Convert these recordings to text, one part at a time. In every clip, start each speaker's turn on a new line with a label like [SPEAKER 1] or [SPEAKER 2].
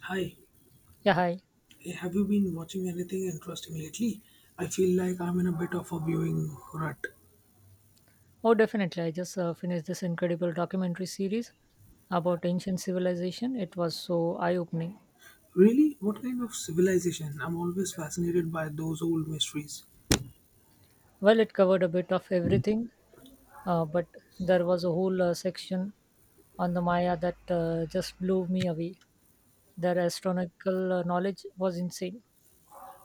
[SPEAKER 1] Hi.
[SPEAKER 2] Yeah, hi.
[SPEAKER 1] Hey, have you been watching anything interesting lately? I feel like I'm in a bit of a viewing rut.
[SPEAKER 2] Oh, definitely. I just finished this incredible documentary series about ancient civilization. It was so eye-opening.
[SPEAKER 1] Really? What kind of civilization? I'm always fascinated by those old mysteries.
[SPEAKER 2] Well, it covered a bit of everything, but there was a whole section on the Maya that just blew me away. Their astronomical knowledge was insane.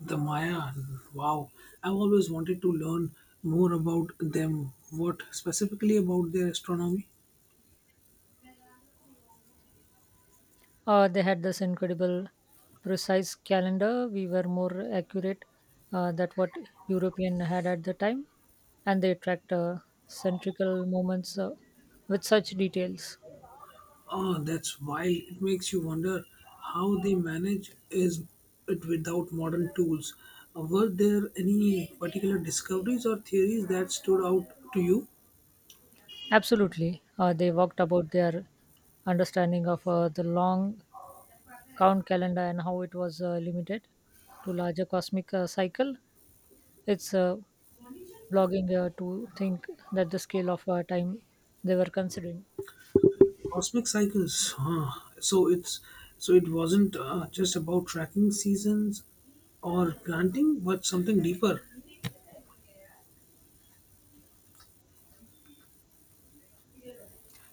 [SPEAKER 1] The Maya, wow. I've always wanted to learn more about them. What specifically about their astronomy?
[SPEAKER 2] They had this incredible precise calendar. We were more accurate that what European had at the time, and they tracked centrical moments with such details.
[SPEAKER 1] Oh, that's wild. It makes you wonder how they manage is it without modern tools. Were there any particular discoveries or theories that stood out to you?
[SPEAKER 2] Absolutely, they walked about their understanding of the long count calendar and how it was limited to larger cosmic cycle. It's blogging to think that the scale of time they were considering.
[SPEAKER 1] Cosmic cycles. Huh. So it's so it wasn't just about tracking seasons or planting, but something deeper.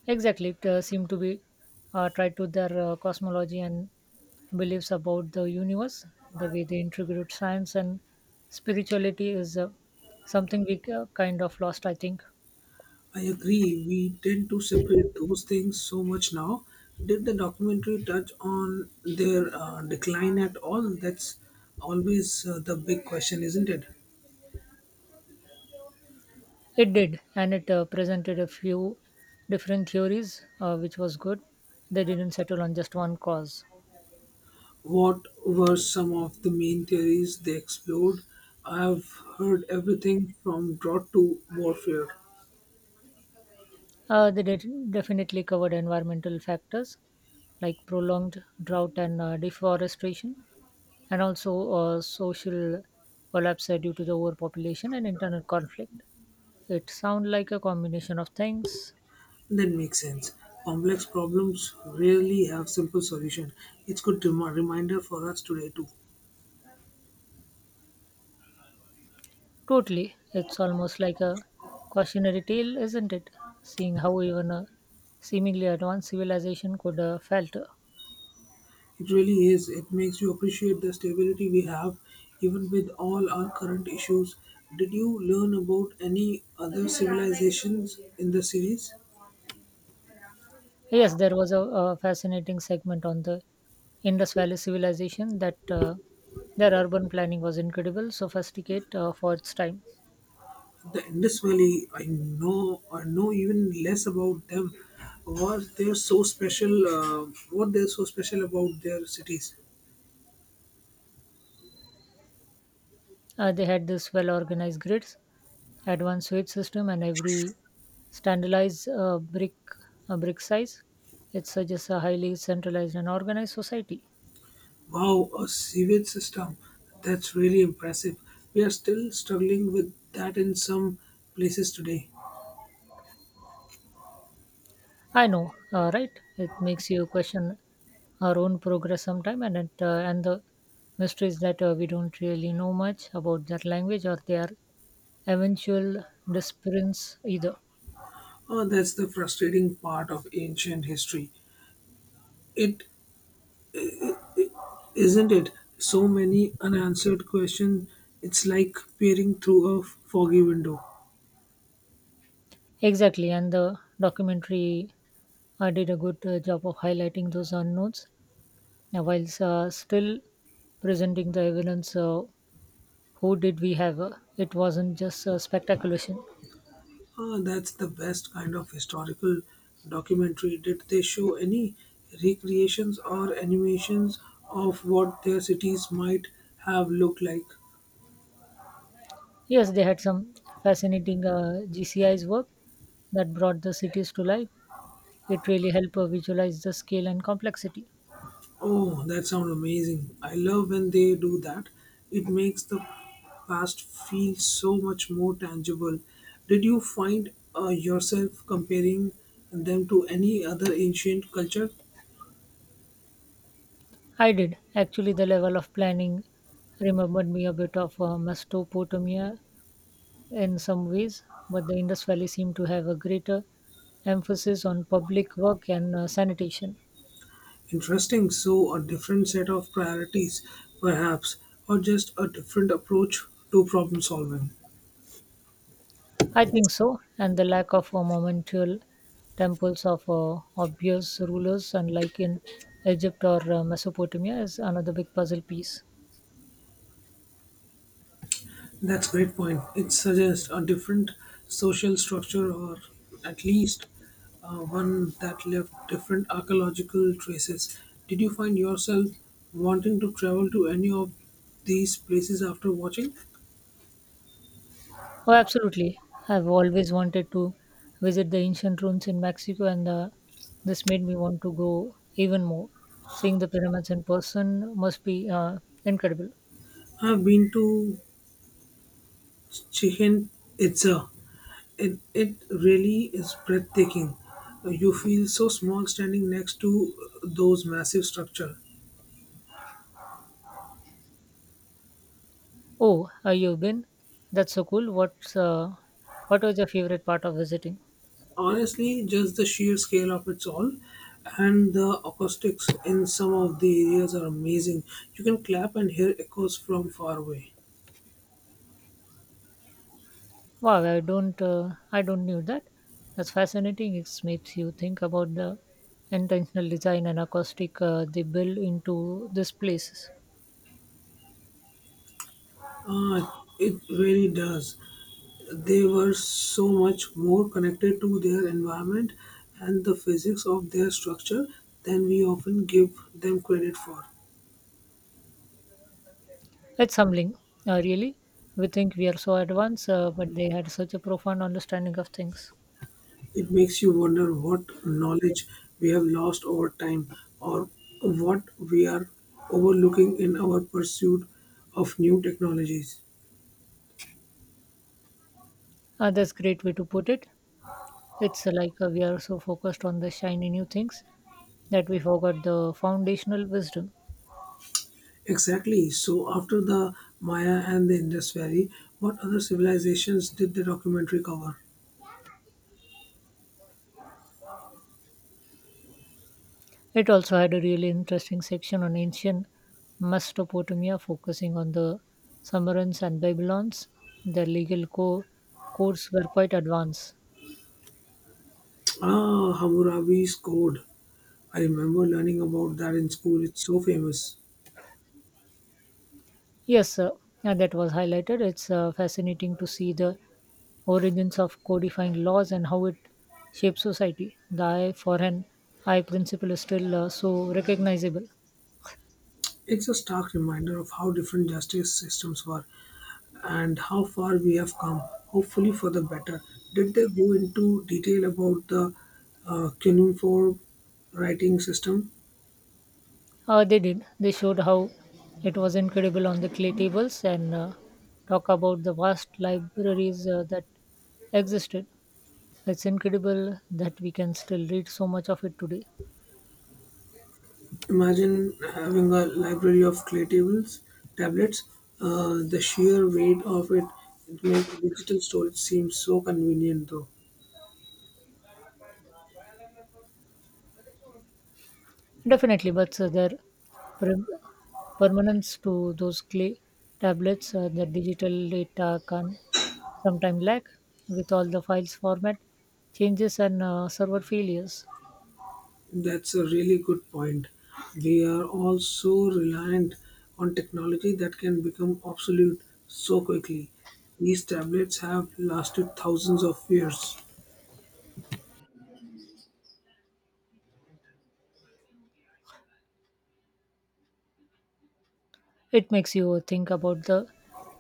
[SPEAKER 2] Exactly, it seemed to be tied to their cosmology and beliefs about the universe. The way they integrate science and spirituality is something we kind of lost, I think.
[SPEAKER 1] I agree. We tend to separate those things so much now. Did the documentary touch on their decline at all? That's always the big question, isn't it?
[SPEAKER 2] It did, and it presented a few different theories, which was good. They didn't settle on just one cause.
[SPEAKER 1] What were some of the main theories they explored? I've heard everything from drought to warfare.
[SPEAKER 2] They did definitely covered environmental factors like prolonged drought and deforestation, and also social collapse due to the overpopulation and internal conflict. It sounds like a combination of things.
[SPEAKER 1] That makes sense. Complex problems rarely have simple solution. It's good reminder for us today too.
[SPEAKER 2] Totally. It's almost like a cautionary tale, isn't it? Seeing how even a seemingly advanced civilization could falter.
[SPEAKER 1] It really is. It makes you appreciate the stability we have, even with all our current issues. Did you learn about any other civilizations in the series?
[SPEAKER 2] Yes, there was a fascinating segment on the Indus Valley civilization that their urban planning was incredible, sophisticated for its time.
[SPEAKER 1] The Indus Valley, I know even less about them. What they're so special about their cities?
[SPEAKER 2] They had this well organized grids, advanced sewage system, and every standardized brick size. It suggests a highly centralized and organized society.
[SPEAKER 1] Wow, a sewage system. That's really impressive. We are still struggling with that in some places today.
[SPEAKER 2] I know, right? It makes you question our own progress sometime, and and the mystery is that we don't really know much about their language or their eventual disappearance either.
[SPEAKER 1] Oh, that's the frustrating part of ancient history. It isn't it? So many unanswered questions. It's like peering through a foggy window.
[SPEAKER 2] Exactly, and the documentary did a good job of highlighting those unknowns now, whilst still presenting the evidence, who did we have? It wasn't just a speculation.
[SPEAKER 1] Ah, that's the best kind of historical documentary. Did they show any recreations or animations of what their cities might have looked like?
[SPEAKER 2] Yes, they had some fascinating GCI's work that brought the cities to life. It really helped visualize the scale and complexity.
[SPEAKER 1] Oh, that sounds amazing. I love when they do that. It makes the past feel so much more tangible. Did you find yourself comparing them to any other ancient culture?
[SPEAKER 2] I did. Actually, the level of planning remembered me a bit of Mesopotamia in some ways, but the Indus Valley seemed to have a greater emphasis on public work and sanitation.
[SPEAKER 1] Interesting. So, a different set of priorities, perhaps, or just a different approach to problem solving.
[SPEAKER 2] I think so, and the lack of monumental temples of obvious rulers, unlike in Egypt or Mesopotamia, is another big puzzle piece.
[SPEAKER 1] That's a great point. It suggests a different social structure, or at least one that left different archaeological traces. Did you find yourself wanting to travel to any of these places after watching?
[SPEAKER 2] Oh, absolutely. I've always wanted to visit the ancient ruins in Mexico, and this made me want to go even more. Seeing the pyramids in person must be incredible.
[SPEAKER 1] I've been to Chichen Itza. It really is breathtaking. You feel so small standing next to those massive structures.
[SPEAKER 2] Oh, you've been? That's so cool. What's what was your favorite part of visiting?
[SPEAKER 1] Honestly, just the sheer scale of it's all, and the acoustics in some of the areas are amazing. You can clap and hear echoes from far away.
[SPEAKER 2] Wow, I don't knew that. That's fascinating. It makes you think about the intentional design and acoustic they build into these places.
[SPEAKER 1] Ah, it really does. They were so much more connected to their environment and the physics of their structure than we often give them credit for.
[SPEAKER 2] It's humbling, really. We think we are so advanced, but they had such a profound understanding of things.
[SPEAKER 1] It makes you wonder what knowledge we have lost over time or what we are overlooking in our pursuit of new technologies.
[SPEAKER 2] That's great way to put it. It's like we are so focused on the shiny new things that we forgot the foundational wisdom.
[SPEAKER 1] Exactly. So, after the Maya and the Indus Valley, what other civilizations did the documentary cover?
[SPEAKER 2] It also had a really interesting section on ancient Mesopotamia, focusing on the Sumerians and Babylons. Their codes were quite advanced.
[SPEAKER 1] Ah, Hammurabi's Code. I remember learning about that in school. It's so famous.
[SPEAKER 2] Yes, sir, and that was highlighted. It's fascinating to see the origins of codifying laws and how it shapes society. The eye for an eye principle is still so recognizable.
[SPEAKER 1] It's a stark reminder of how different justice systems were and how far we have come, hopefully for the better. Did they go into detail about the cuneiform writing system?
[SPEAKER 2] They did. They showed how it was incredible on the clay tables and talk about the vast libraries that existed. It's incredible that we can still read so much of it today.
[SPEAKER 1] Imagine having a library of clay tables, tablets, the sheer weight of it, it makes digital storage seem so convenient though.
[SPEAKER 2] Definitely, but their perm- permanence to those clay tablets, the digital data can sometimes lag with all the files format changes and server failures.
[SPEAKER 1] That's a really good point. We are all so reliant on technology that can become obsolete so quickly. These tablets have lasted thousands of years.
[SPEAKER 2] It makes you think about the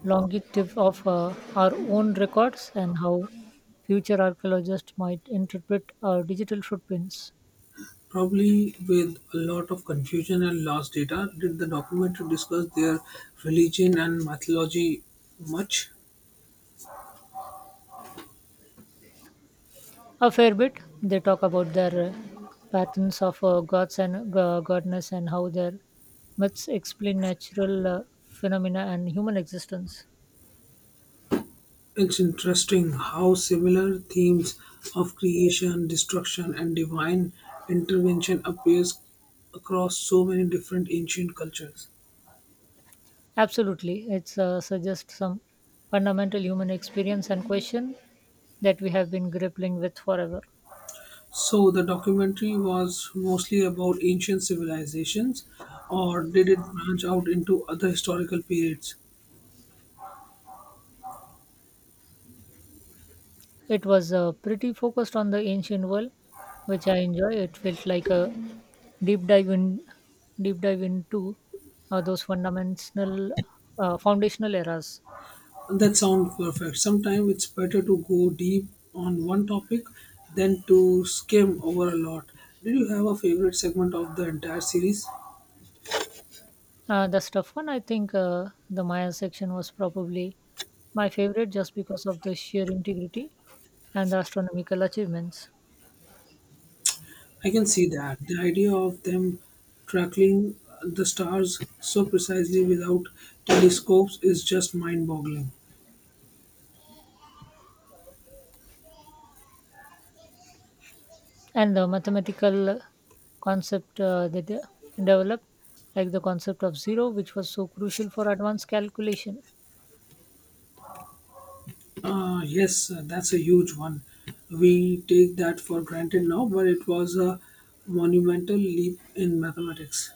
[SPEAKER 2] longevity of our own records and how future archaeologists might interpret our digital footprints.
[SPEAKER 1] Probably with a lot of confusion and lost data. Did the documentary discuss their religion and mythology much?
[SPEAKER 2] A fair bit, they talk about their patterns of gods and godness and how their myths explain natural phenomena and human existence.
[SPEAKER 1] It's interesting how similar themes of creation, destruction, and divine intervention appears across so many different ancient cultures.
[SPEAKER 2] Absolutely, it suggests some fundamental human experience and question that we have been grappling with forever.
[SPEAKER 1] So the documentary was mostly about ancient civilizations, or did it branch out into other historical periods?
[SPEAKER 2] It was pretty focused on the ancient world, which I enjoy. It felt like a deep dive in deep dive into those fundamental foundational eras.
[SPEAKER 1] That sounds perfect. Sometimes it's better to go deep on one topic than to skim over a lot. Did you have a favorite segment of the entire series?
[SPEAKER 2] That's tough one. I think the Maya section was probably my favorite just because of the sheer integrity and the astronomical achievements
[SPEAKER 1] I can see that. The idea of them tracking the stars so precisely without telescopes is just mind boggling.
[SPEAKER 2] and the mathematical concept that they developed, like the concept of zero, which was so crucial for advanced calculation.
[SPEAKER 1] Yes, that's a huge one. We take that for granted now, but it was a monumental leap in mathematics.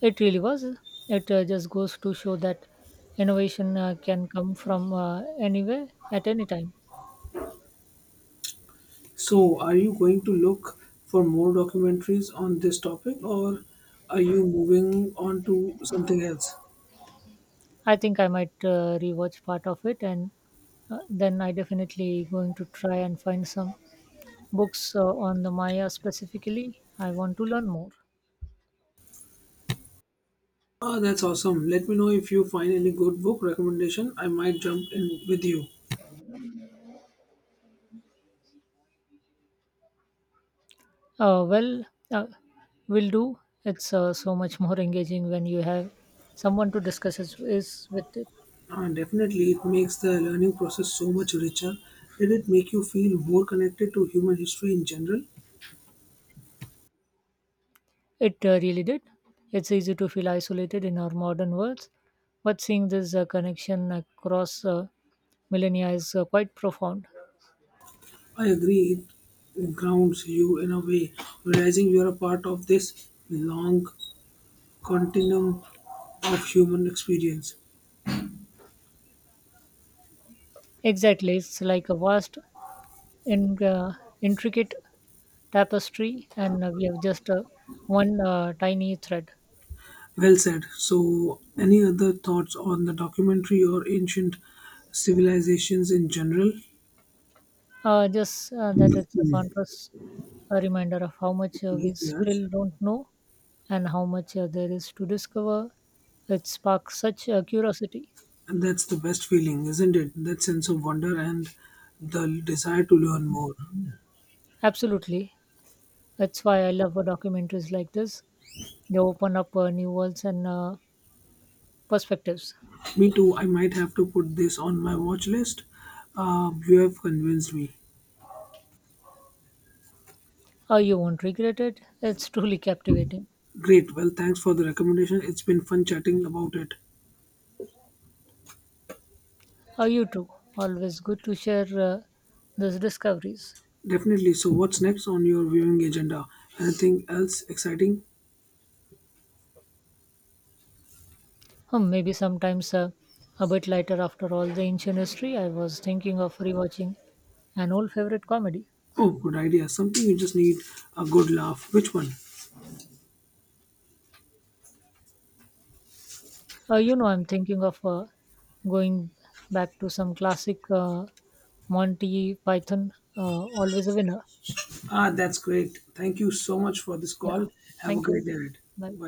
[SPEAKER 2] It really was. It just goes to show that innovation can come from anywhere at any time.
[SPEAKER 1] So, are you going to look for more documentaries on this topic or are you moving on to something else?
[SPEAKER 2] I think I might rewatch part of it, and then I definitely going to try and find some books on the Maya specifically. I want to learn more.
[SPEAKER 1] Ah, that's awesome. Let me know if you find any good book recommendation. I might jump in with you.
[SPEAKER 2] Uh, well, uh, will do. It's so much more engaging when you have someone to discuss it is with it.
[SPEAKER 1] Ah, definitely, it makes the learning process so much richer. Did it make you feel more connected to human history in general?
[SPEAKER 2] It really did. It's easy to feel isolated in our modern worlds, but seeing this connection across millennia is quite profound.
[SPEAKER 1] I agree, it grounds you in a way, realizing you are a part of this long continuum of human experience.
[SPEAKER 2] Exactly, it's like a in, uh, intricate tapestry, and we have just one tiny thread.
[SPEAKER 1] Well said. So, any other thoughts on the documentary or ancient civilizations in general?
[SPEAKER 2] Just That it's a contrast, a reminder of how much
[SPEAKER 1] Okay,
[SPEAKER 2] we
[SPEAKER 1] yes.
[SPEAKER 2] still don't know and how much there is to discover. It sparks such curiosity.
[SPEAKER 1] And that's the best feeling, isn't it? That sense of wonder and the desire to learn more.
[SPEAKER 2] Absolutely. That's why I love documentaries like this. They open up new worlds and perspectives.
[SPEAKER 1] Me too. I might have to put this on my watch list. You have convinced me.
[SPEAKER 2] You won't regret it. It's truly captivating.
[SPEAKER 1] Great. Well, thanks for the recommendation. It's been fun chatting about it.
[SPEAKER 2] You too. Always good to share those discoveries.
[SPEAKER 1] Definitely. So, what's next on your viewing agenda? Anything else exciting?
[SPEAKER 2] Hmm, maybe sometimes a bit lighter after all the ancient history. I was thinking of rewatching an old favorite comedy.
[SPEAKER 1] Oh, good idea. Something you just need a good laugh. Which one?
[SPEAKER 2] You know, I'm thinking of going back to some classic Monty Python, always a winner.
[SPEAKER 1] Ah, that's great. Thank you so much for this
[SPEAKER 2] Yeah.
[SPEAKER 1] call. Have a
[SPEAKER 2] Thank
[SPEAKER 1] great
[SPEAKER 2] you.
[SPEAKER 1] day ahead. Bye.
[SPEAKER 2] Bye.